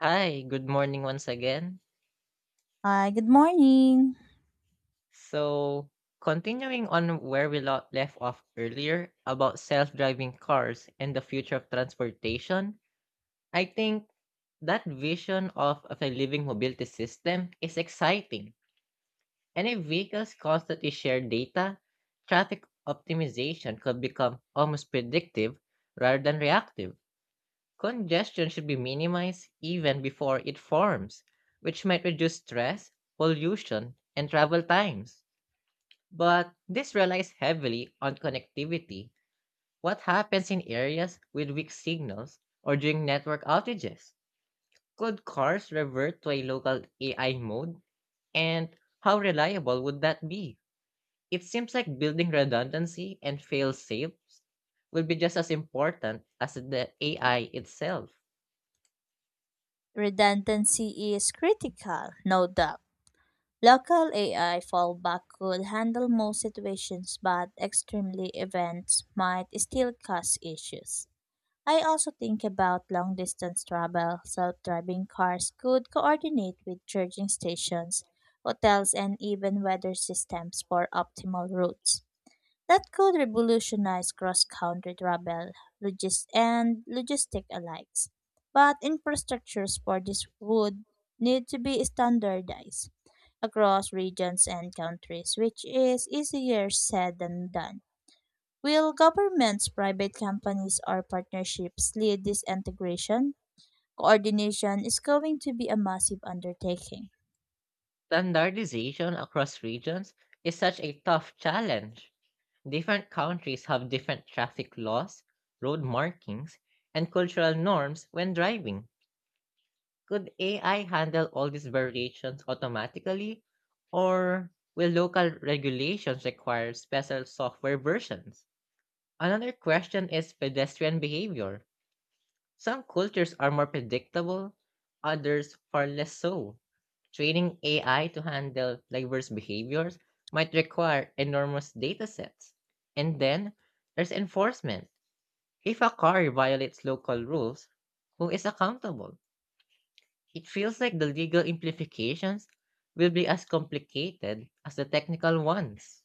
Hi, good morning once again. Hi, good morning. So, continuing on where left off earlier about self driving cars and the future of transportation, I think that vision of a living mobility system is exciting. And if vehicles constantly share data, traffic optimization could become almost predictive rather than reactive. Congestion should be minimized even before it forms, which might reduce stress, pollution, and travel times. But this relies heavily on connectivity. What happens in areas with weak signals or during network outages? Could cars revert to a local AI mode? And how reliable would that be? It seems like building redundancy and fail safes will be just as important as the AI itself. Redundancy is critical, no doubt. Local AI fallback could handle most situations, but extremely events might still cause issues. I also think about long distance travel. Self driving cars could coordinate with charging stations, hotels, and even weather systems for optimal routes. That could revolutionize cross-country travel and logistic alike. But infrastructures for this would need to be standardized across regions and countries, which is easier said than done. Will governments, private companies, or partnerships lead this integration? Coordination is going to be a massive undertaking. Standardization across regions is such a tough challenge. Different countries have different traffic laws, road markings, and cultural norms when driving. Could AI handle all these variations automatically, or will local regulations require special software versions? Another question is pedestrian behavior. Some cultures are more predictable, others far less so. Training AI to handle diverse behaviors might require enormous data sets. And then there's enforcement. If a car violates local rules, who is accountable? It feels like the legal implications will be as complicated as the technical ones.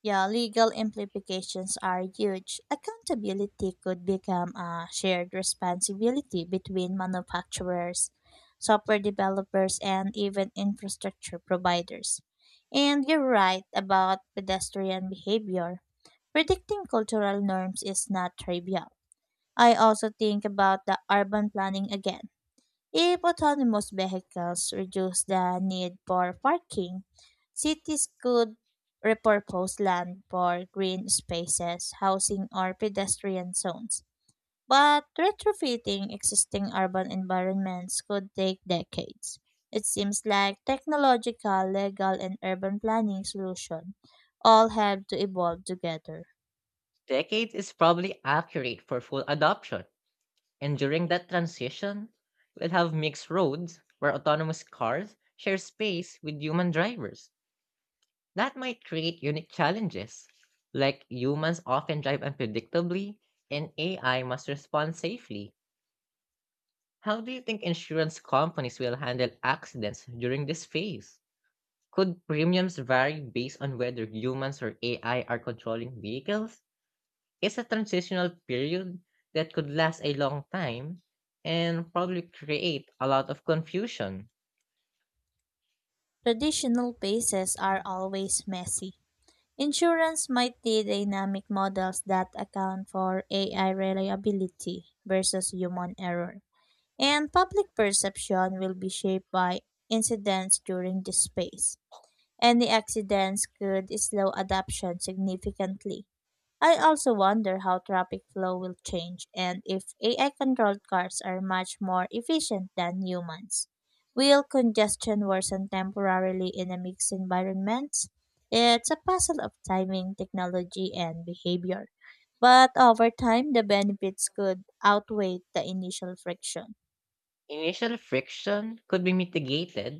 Yeah, legal implications are huge. Accountability could become a shared responsibility between manufacturers, software developers, and even infrastructure providers. And you're right about pedestrian behavior. Predicting cultural norms is not trivial. I also think about the urban planning again. If autonomous vehicles reduce the need for parking, cities could repurpose land for green spaces, housing, or pedestrian zones. But retrofitting existing urban environments could take decades. It seems like technological, legal, and urban planning solutions all have to evolve together. Decades is probably accurate for full adoption, and during that transition, we'll have mixed roads where autonomous cars share space with human drivers. That might create unique challenges, like humans often drive unpredictably and AI must respond safely. How do you think insurance companies will handle accidents during this phase? Could premiums vary based on whether humans or AI are controlling vehicles? Is a transitional period that could last a long time and probably create a lot of confusion. Traditional spaces are always messy. Insurance might be dynamic models that account for AI reliability versus human error. And public perception will be shaped by incidents during this phase. Any accidents could slow adoption significantly. I also wonder how traffic flow will change and if AI controlled cars are much more efficient than humans. Will congestion worsen temporarily in a mixed environment? It's a puzzle of timing, technology, and behavior. But over time, the benefits could outweigh the initial friction. Initial friction could be mitigated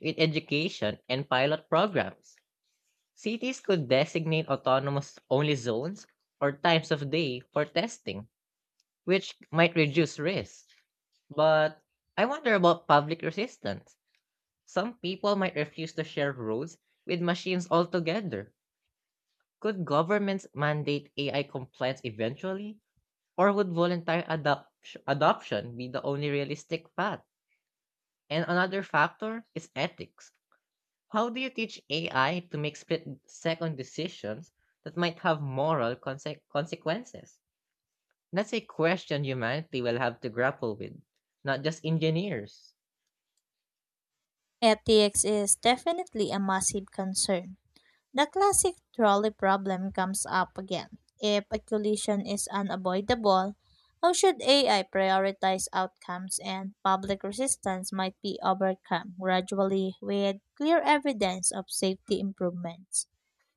with education and pilot programs. Cities could designate autonomous only zones or times of day for testing, which might reduce risk. But I wonder about public resistance. Some people might refuse to share roads with machines altogether. Could governments mandate AI compliance eventually, or would adoption be the only realistic path? And another factor is ethics. How do you teach AI to make split second decisions that might have consequences? That's a question humanity will have to grapple with, not just engineers. Ethics is definitely a massive concern. The classic trolley problem comes up again. If a collision is unavoidable, how should AI prioritize outcomes and public resistance might be overcome gradually with clear evidence of safety improvements?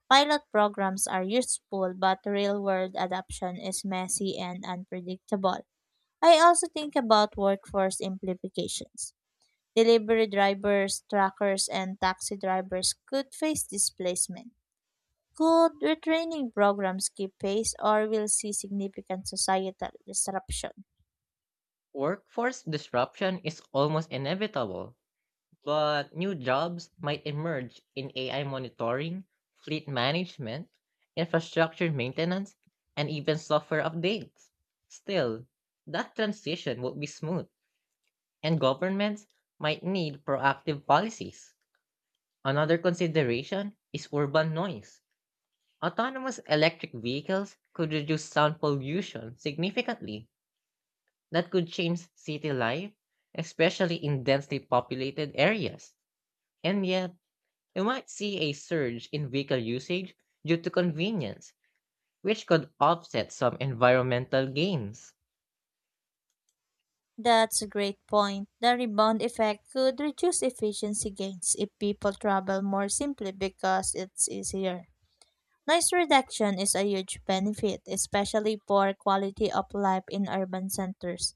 Pilot programs are useful, but real world adoption is messy and unpredictable. I also think about workforce implications. Delivery drivers, truckers, and taxi drivers could face displacement. Could retraining programs keep pace or will see significant societal disruption? Workforce disruption is almost inevitable, but new jobs might emerge in AI monitoring, fleet management, infrastructure maintenance, and even software updates. Still, that transition won't be smooth, and governments might need proactive policies. Another consideration is urban noise. Autonomous electric vehicles could reduce sound pollution significantly. That could change city life, especially in densely populated areas. And yet, we might see a surge in vehicle usage due to convenience, which could offset some environmental gains. That's a great point. The rebound effect could reduce efficiency gains if people travel more simply because it's easier. Noise reduction is a huge benefit, especially for quality of life in urban centers.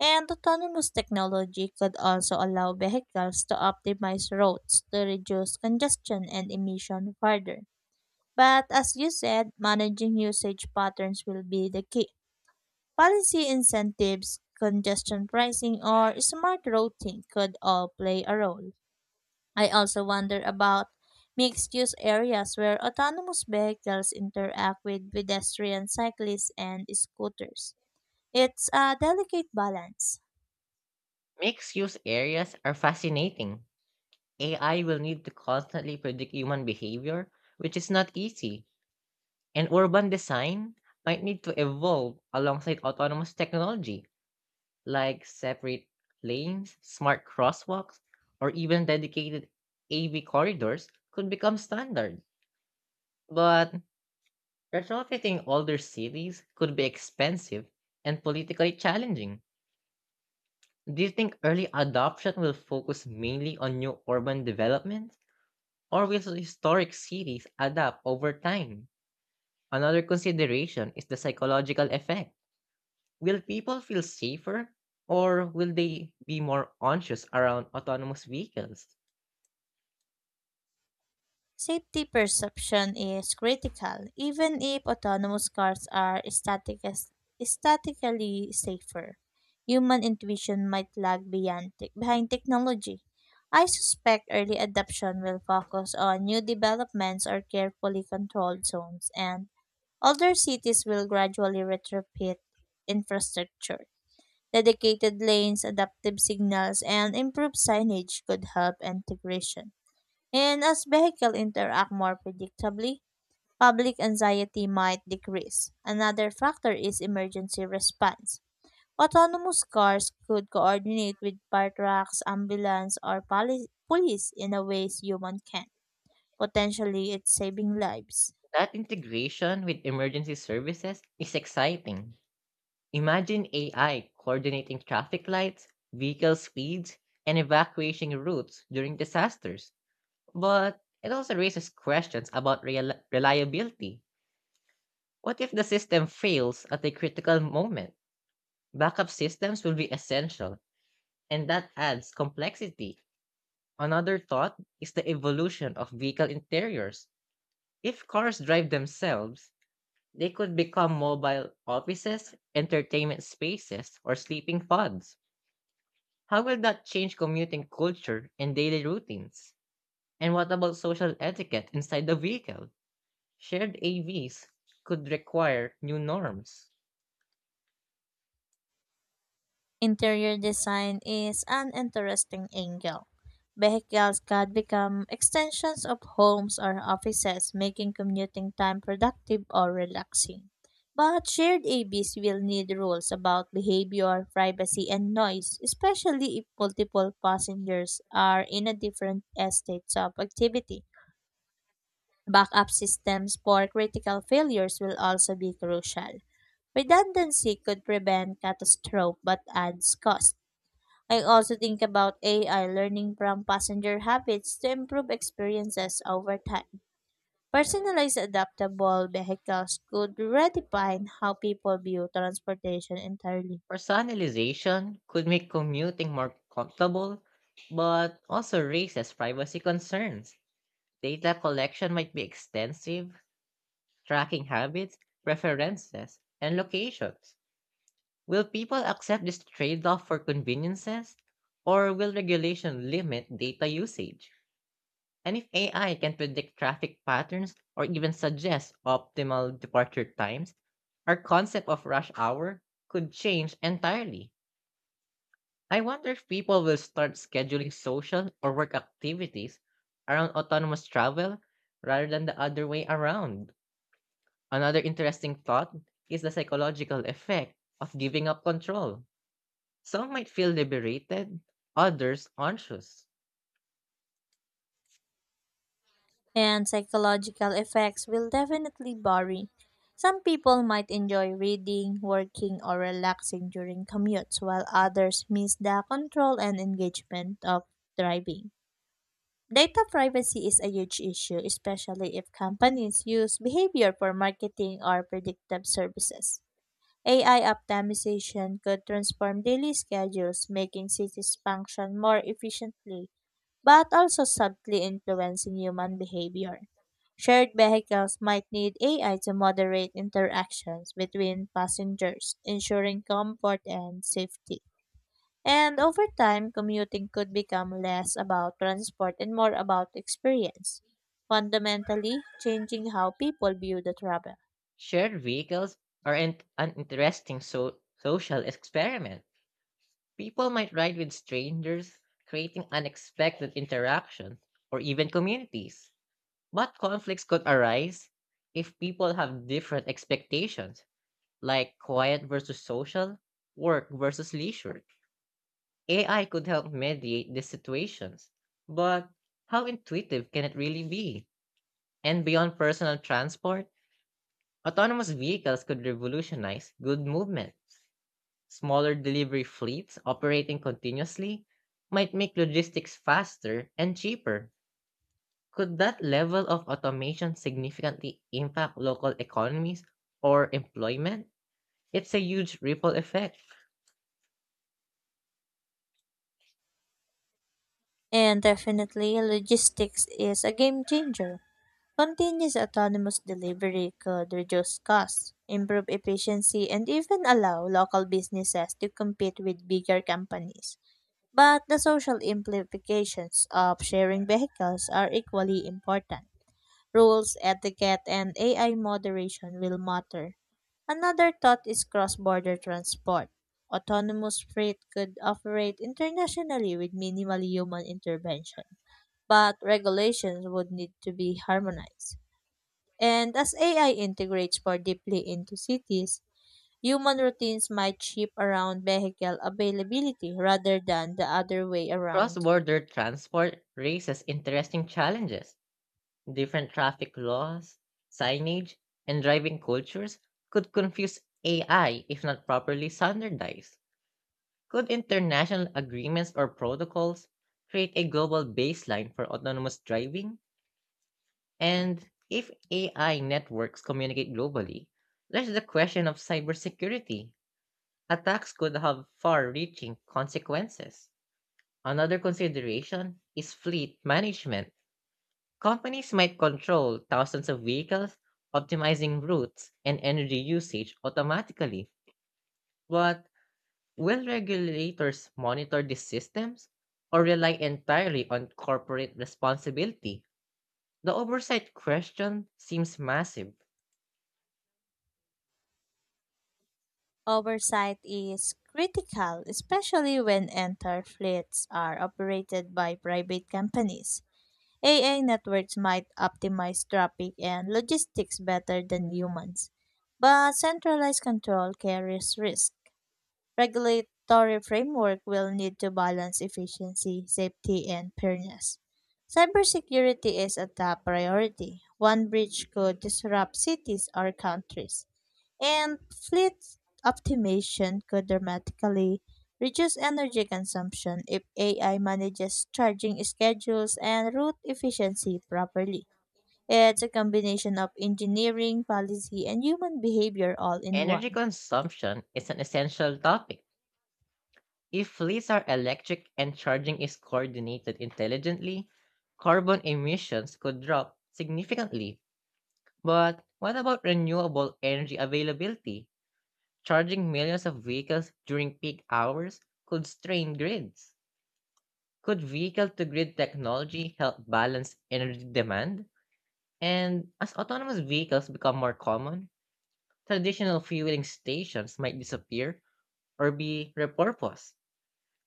And autonomous technology could also allow vehicles to optimize roads to reduce congestion and emission further. But as you said, managing usage patterns will be the key. Policy incentives, congestion pricing, or smart routing could all play a role. I also wonder about mixed use areas where autonomous vehicles interact with pedestrians, cyclists, and scooters. It's a delicate balance. Mixed use areas are fascinating. AI will need to constantly predict human behavior, which is not easy, and urban design might need to evolve alongside autonomous technology, like separate lanes, smart crosswalks, or even dedicated AV corridors could become standard. But retrofitting older cities could be expensive and politically challenging. Do you think early adoption will focus mainly on new urban development, or will historic cities adapt over time? Another consideration is the psychological effect. Will people feel safer, or will they be more anxious around autonomous vehicles? Safety perception is critical, even if autonomous cars are statically safer. Human intuition might lag behind technology. I suspect early adoption will focus on new developments or carefully controlled zones, and older cities will gradually retrofit infrastructure. Dedicated lanes, adaptive signals, and improved signage could help integration. And as vehicles interact more predictably, public anxiety might decrease. Another factor is emergency response. Autonomous cars could coordinate with fire trucks, ambulance, or police in a ways human can. Potentially, it's saving lives. That integration with emergency services is exciting. Imagine AI coordinating traffic lights, vehicle speeds, and evacuation routes during disasters. But it also raises questions about reliability. What if the system fails at a critical moment? Backup systems will be essential, and that adds complexity. Another thought is the evolution of vehicle interiors. If cars drive themselves, they could become mobile offices, entertainment spaces, or sleeping pods. How will that change commuting culture and daily routines? And what about social etiquette inside the vehicle? Shared AVs could require new norms. Interior design is an interesting angle. Vehicles could become extensions of homes or offices, making commuting time productive or relaxing. But shared ABs will need rules about behavior, privacy, and noise, especially if multiple passengers are in a different states of activity. Backup systems for critical failures will also be crucial. Redundancy could prevent catastrophe but adds cost. I also think about AI learning from passenger habits to improve experiences over time. Personalized adaptable vehicles could redefine how people view transportation entirely, Personalization could make commuting more comfortable, but also raises privacy concerns. Data collection might be extensive, tracking habits, preferences, and locations. Will people accept this trade off for conveniences, or will regulation limit data usage? And if AI can predict traffic patterns or even suggest optimal departure times, our concept of rush hour could change entirely. I wonder if people will start scheduling social or work activities around autonomous travel rather than the other way around. Another interesting thought is the psychological effect of giving up control. Some might feel liberated, others anxious. and psychological effects will definitely vary. Some people might enjoy reading, working, or relaxing during commutes, while others miss the control and engagement of driving. Data privacy is a huge issue, especially if companies use behavior for marketing or predictive services. AI optimization could transform daily schedules, making cities function more efficiently, but also subtly influencing human behavior. Shared vehicles might need AI to moderate interactions between passengers, ensuring comfort and safety. And over time, commuting could become less about transport and more about experience, fundamentally changing how people view the travel. Shared vehicles are an interesting social experiment. People might ride with strangers, creating unexpected interactions or even communities. But conflicts could arise if people have different expectations, like quiet versus social, work versus leisure. AI could help mediate these situations, but how intuitive can it really be? And beyond personal transport, autonomous vehicles could revolutionize good movement. Smaller delivery fleets operating continuously might make logistics faster and cheaper. Could that level of automation significantly impact local economies or employment? It's a huge ripple effect. And definitely, logistics is a game changer. Continuous autonomous delivery could reduce costs, improve efficiency, and even allow local businesses to compete with bigger companies. But the social implications of sharing vehicles are equally important. Rules, etiquette, and AI moderation will matter. Another thought is cross border transport. Autonomous freight could operate internationally with minimal human intervention, but regulations would need to be harmonized. And as AI integrates more deeply into cities, human routines might shift around vehicle availability rather than the other way Cross around. border transport raises interesting challenges. Different traffic laws, signage, and driving cultures could confuse AI if not properly standardized. Could international agreements or protocols create a global baseline for autonomous driving? And if AI networks communicate globally, there's the question of cybersecurity. Attacks could have far reaching consequences. Another consideration is fleet management. Companies might control thousands of vehicles, optimizing routes and energy usage automatically. But will regulators monitor these systems or rely entirely on corporate responsibility? The oversight question seems massive. Oversight is critical, especially when entire fleets are operated by private companies. AI networks might optimize traffic and logistics better than humans, but centralized control carries risk. Regulatory framework will need to balance efficiency, safety, and fairness. Cybersecurity is a top priority. One breach could disrupt cities or countries, and fleet optimization could dramatically reduce energy consumption if AI manages charging schedules and route efficiency properly. It's a combination of engineering, policy, and human behavior all in Energy one. consumption is an essential topic. If fleets are electric and charging is coordinated intelligently, carbon emissions could drop significantly. But what about renewable energy availability? Charging millions of vehicles during peak hours could strain grids. Could vehicle-to-grid technology help balance energy demand? And as autonomous vehicles become more common, traditional fueling stations might disappear or be repurposed.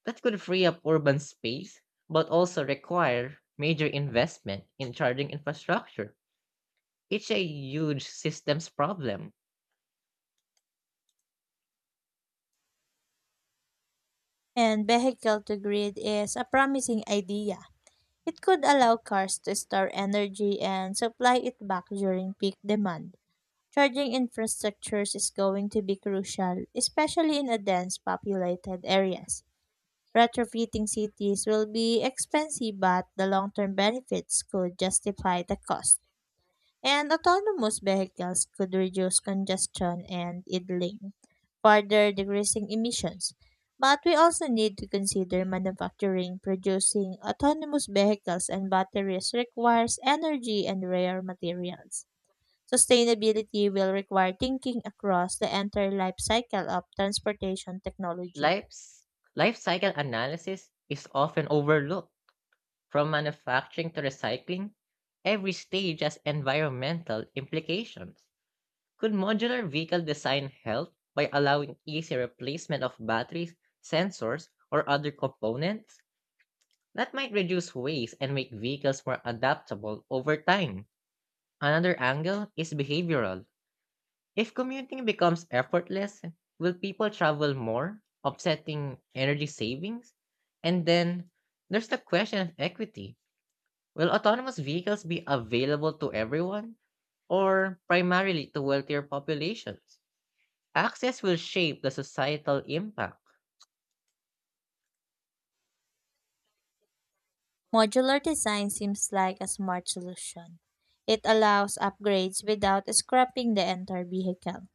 That could free up urban space, but also require major investment in charging infrastructure. It's a huge systems problem. And vehicle to grid is a promising idea. It could allow cars to store energy and supply it back during peak demand. Charging infrastructures is going to be crucial, especially in a dense populated areas. Retrofitting cities will be expensive, but the long-term benefits could justify the cost. And autonomous vehicles could reduce congestion and idling, further decreasing emissions. But we also need to consider manufacturing. Producing autonomous vehicles and batteries requires energy and rare materials. Sustainability will require thinking across the entire life cycle of transportation technology. Life's, life cycle analysis is often overlooked. From manufacturing to recycling, every stage has environmental implications. Could modular vehicle design help by allowing easy replacement of batteries, sensors, or other components? That might reduce waste and make vehicles more adaptable over time. Another angle is behavioral. If commuting becomes effortless, will people travel more, offsetting energy savings? And then there's the question of equity. Will autonomous vehicles be available to everyone or primarily to wealthier populations? Access will shape the societal impact. Modular design seems like a smart solution. It allows upgrades without scrapping the entire vehicle.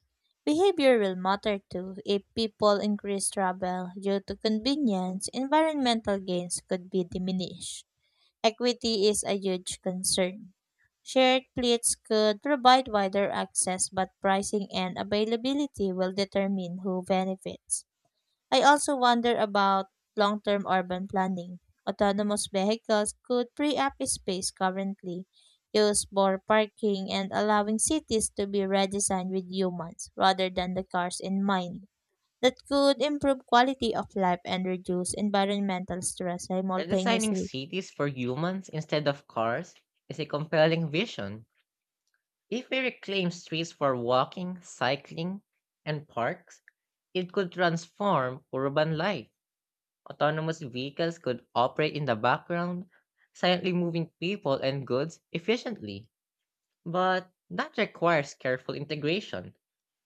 Behavior will matter too. If people increase travel due to convenience, environmental gains could be diminished. Equity is a huge concern. Shared fleets could provide wider access, but pricing and availability will determine who benefits. I also wonder about long term urban planning. Autonomous vehicles could free up space currently used for parking and allowing cities to be redesigned with humans rather than the cars in mind. That could improve quality of life and reduce environmental stress Redesigning simultaneously. cities for humans instead of cars is a compelling vision. If we reclaim streets for walking, cycling, and parks, it could transform urban life. Autonomous vehicles could operate in the background, silently moving people and goods efficiently. But that requires careful integration.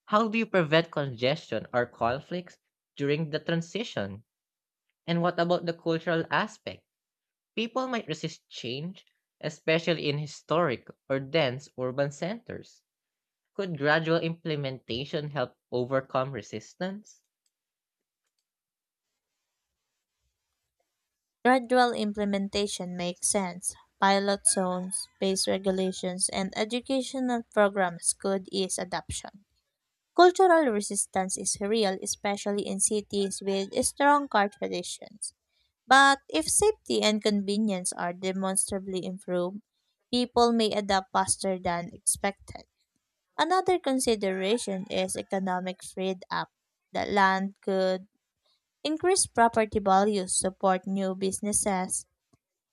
How do you prevent congestion or conflicts during the transition? And what about the cultural aspect? People might resist change, especially in historic or dense urban centers. Could gradual implementation help overcome resistance? Gradual implementation makes sense. Pilot zones, space regulations, and educational programs could ease adoption. Cultural resistance is real, especially in cities with strong car traditions. But if safety and convenience are demonstrably improved, people may adapt faster than expected. Another consideration is economic freed up. The land could increase property values, support new businesses,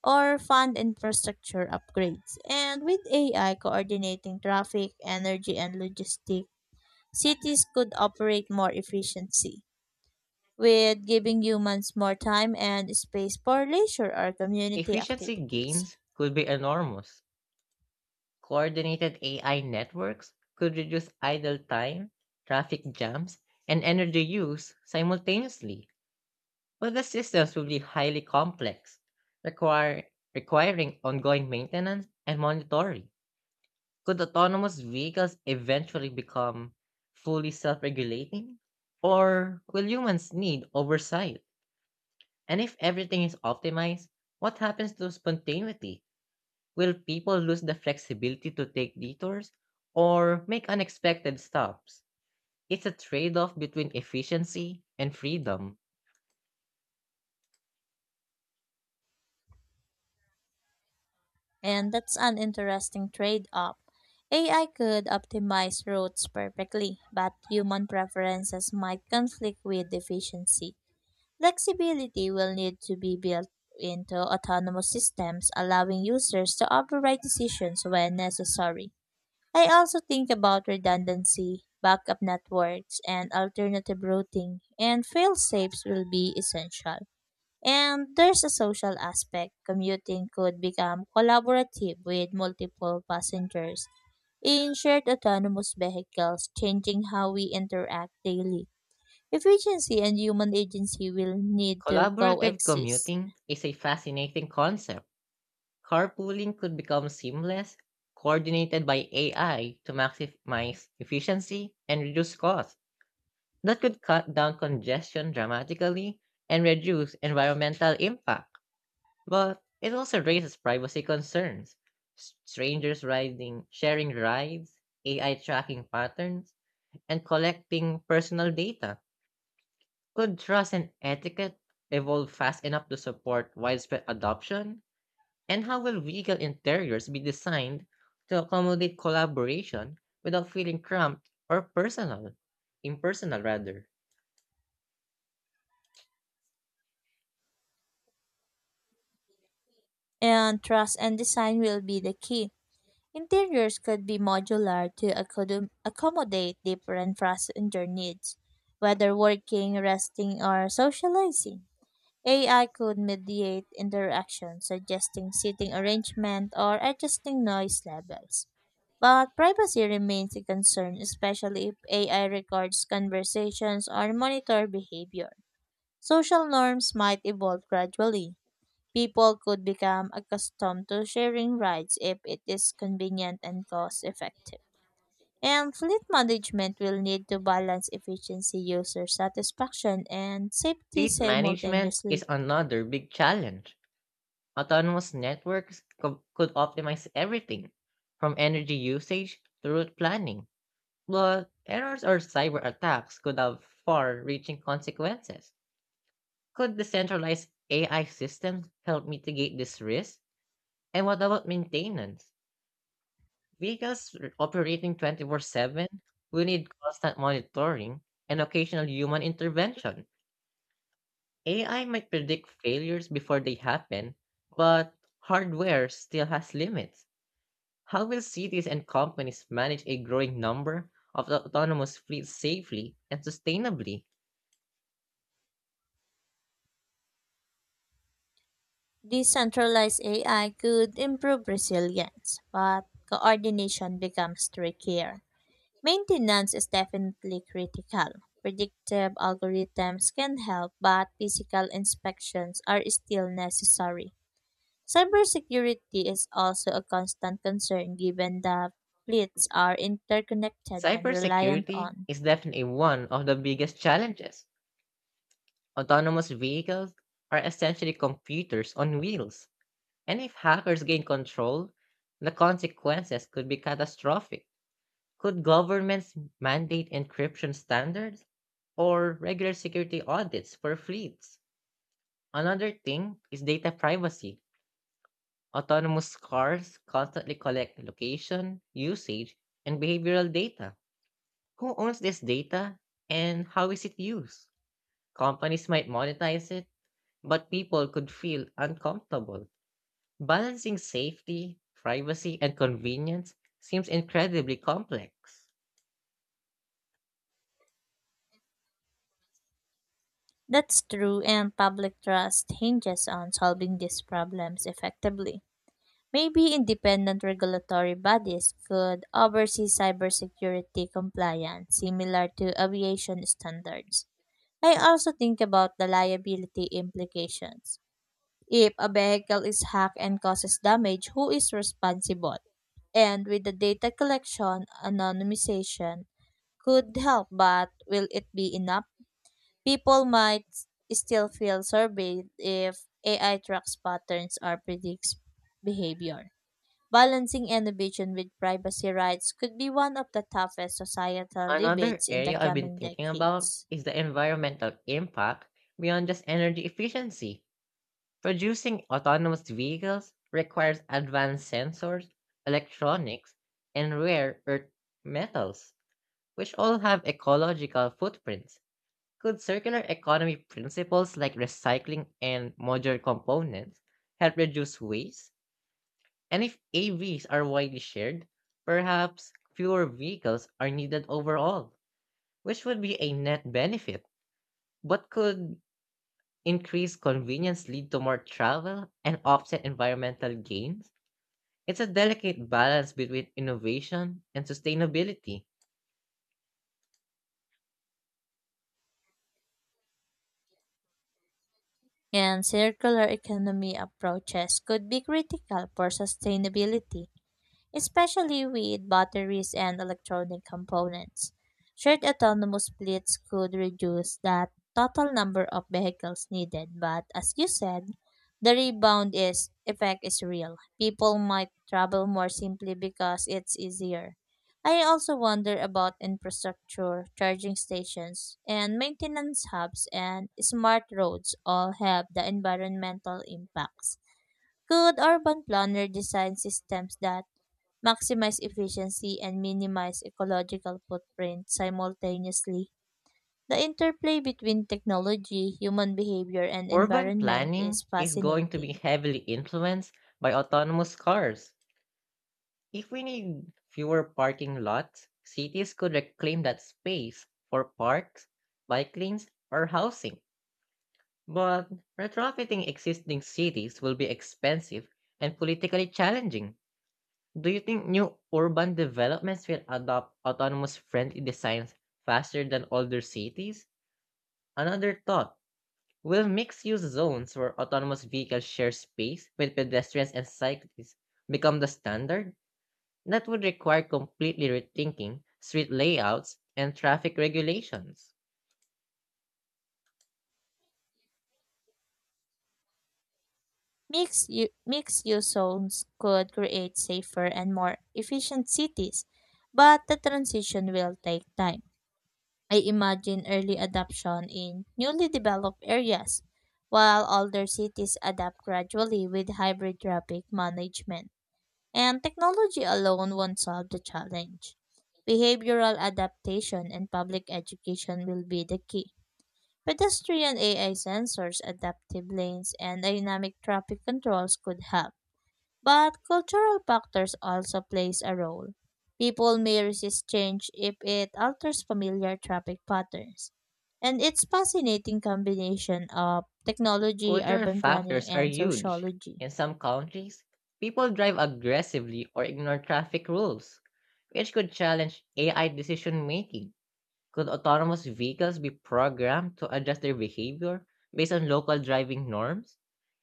or fund infrastructure upgrades. And with AI coordinating traffic, energy, and logistics, cities could operate more efficiently, with giving humans more time and space for leisure or community Efficiency activities. gains could be enormous. Coordinated AI networks could reduce idle time, traffic jams, and energy use simultaneously. But the systems will be highly complex, require, requiring ongoing maintenance and monitoring. Could autonomous vehicles eventually become fully self regulating? Or will humans need oversight? And if everything is optimized, what happens to spontaneity? Will people lose the flexibility to take detours or make unexpected stops? It's a trade off between efficiency and freedom. And that's an interesting trade off. AI could optimize routes perfectly, but human preferences might conflict with efficiency. Flexibility will need to be built into autonomous systems, allowing users to override decisions when necessary. I also think about redundancy, backup networks, and alternative routing, and fail safes will be essential. And there's a social aspect. Commuting could become collaborative with multiple passengers in shared autonomous vehicles, changing how we interact daily. Efficiency and human agency will need to Collaborative coexist, commuting is a fascinating concept. Carpooling could become seamless, coordinated by AI to maximize efficiency and reduce costs. That could cut down congestion dramatically and reduce environmental impact. But it also raises privacy concerns. Strangers riding, sharing rides, AI tracking patterns, and collecting personal data. Could trust and etiquette evolve fast enough to support widespread adoption? And how will vehicle interiors be designed to accommodate collaboration without feeling cramped or personal? Impersonal, rather. and trust and design will be the key. Interiors could be modular to accommodate different passenger needs, whether working, resting, or socializing. AI could mediate interaction, suggesting seating arrangement or adjusting noise levels. But privacy remains a concern, especially if AI records conversations or monitor behavior. Social norms might evolve gradually. People could become accustomed to sharing rides if it is convenient and cost effective. And fleet management will need to balance efficiency, user satisfaction, and safety Fleet management is simultaneously. another big challenge. Autonomous networks could optimize everything, from energy usage to route planning. But errors or cyber attacks could have far reaching consequences. Could the centralized AI systems help mitigate this risk? And what about maintenance? Because operating 24/7, will need constant monitoring and occasional human intervention. AI might predict failures before they happen, but hardware still has limits. How will cities and companies manage a growing number of autonomous fleets safely and sustainably? Decentralized AI could improve resilience, but coordination becomes trickier. Maintenance is definitely critical. Predictive algorithms can help, but physical inspections are still necessary. Cybersecurity is also a constant concern given that fleets are interconnected and reliant Cybersecurity on. is definitely one of the biggest challenges. Autonomous vehicles are essentially computers on wheels. And if hackers gain control, the consequences could be catastrophic. Could governments mandate encryption standards or regular security audits for fleets? Another thing is data privacy. Autonomous cars constantly collect location, usage, and behavioral data. Who owns this data and how is it used? Companies might monetize it, but people could feel uncomfortable. Balancing safety, privacy, and convenience seems incredibly complex. That's true, and public trust hinges on solving these problems effectively. Maybe independent regulatory bodies could oversee cybersecurity compliance, similar to aviation standards. I also think about the liability implications. If a vehicle is hacked and causes damage, who is responsible? And with the data collection, anonymization could help, but will it be enough? People might still feel surveyed if AI tracks patterns or predicts behavior. Balancing innovation with privacy rights could be one of the toughest societal Another debates in the area I've been coming thinking about decades. is the environmental impact beyond just energy efficiency. Producing autonomous vehicles requires advanced sensors, electronics, and rare earth metals, which all have ecological footprints. Could circular economy principles like recycling and modular components help reduce waste? And if AVs are widely shared, perhaps fewer vehicles are needed overall, which would be a net benefit, but could increased convenience lead to more travel and offset environmental gains? It's a delicate balance between innovation and sustainability. And circular economy approaches could be critical for sustainability especially with batteries and electronic components. Shared autonomous fleets could reduce that total number of vehicles needed, but as you said, the rebound is effect is real. People might travel more simply because it's easier. I also wonder about infrastructure, charging stations, and maintenance hubs and smart roads all have the environmental impacts. Could urban planner design systems that maximize efficiency and minimize ecological footprint simultaneously. The interplay between technology, human behavior, and Urban environment planning is is going to be fascinating. heavily influenced by autonomous cars. If we need fewer parking lots, cities could reclaim that space for parks, bike lanes, or housing. But retrofitting existing cities will be expensive and politically challenging. Do you think new urban developments will adopt autonomous friendly designs faster than older cities? Another thought, will mixed use zones where autonomous vehicles share space with pedestrians and cyclists become the standard? That would require completely rethinking street layouts and traffic regulations. Mixed use zones could create safer and more efficient cities, but the transition will take time. I imagine early adoption in newly developed areas, while older cities adapt gradually with hybrid traffic management. And technology alone won't solve the challenge. Behavioral adaptation and public education will be the key. Pedestrian AI sensors, adaptive lanes, and dynamic traffic controls could help but cultural factors also plays a role. People may resist change if it alters familiar traffic patterns. And it's fascinating combination of technology, Cultural urban planning, factors are and huge. sociology. In some countries, people drive aggressively or ignore traffic rules, which could challenge AI decision making. Could autonomous vehicles be programmed to adjust their behavior based on local driving norms?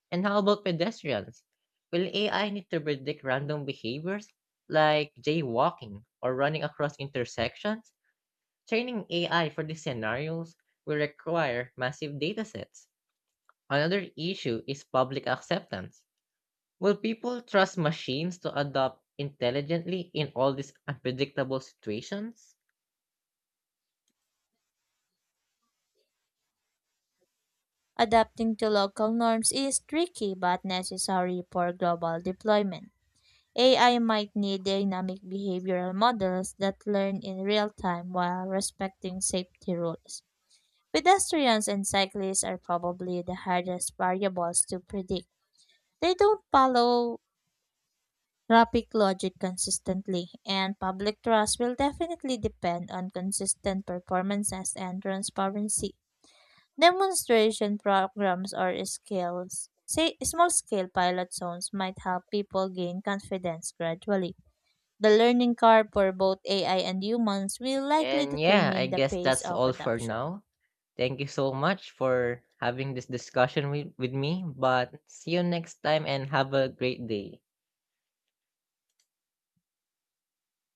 And how about pedestrians? Will AI need to predict random behaviors like jaywalking or running across intersections? Training AI for these scenarios will require massive datasets. Another issue is public acceptance. Will people trust machines to adapt intelligently in all these unpredictable situations? Adapting to local norms is tricky but necessary for global deployment. AI might need dynamic behavioral models that learn in real time while respecting safety rules. Pedestrians and cyclists are probably the hardest variables to predict. They don't follow traffic logic consistently, and public trust will definitely depend on consistent performances and transparency. Demonstration programs or scales, say small scale pilot zones might help people gain confidence gradually. The learning curve for both AI and humans will likely And yeah, I determine the guess pace that's of all for adoption. now. Thank you so much for having this discussion with me, but see you next time and have a great day.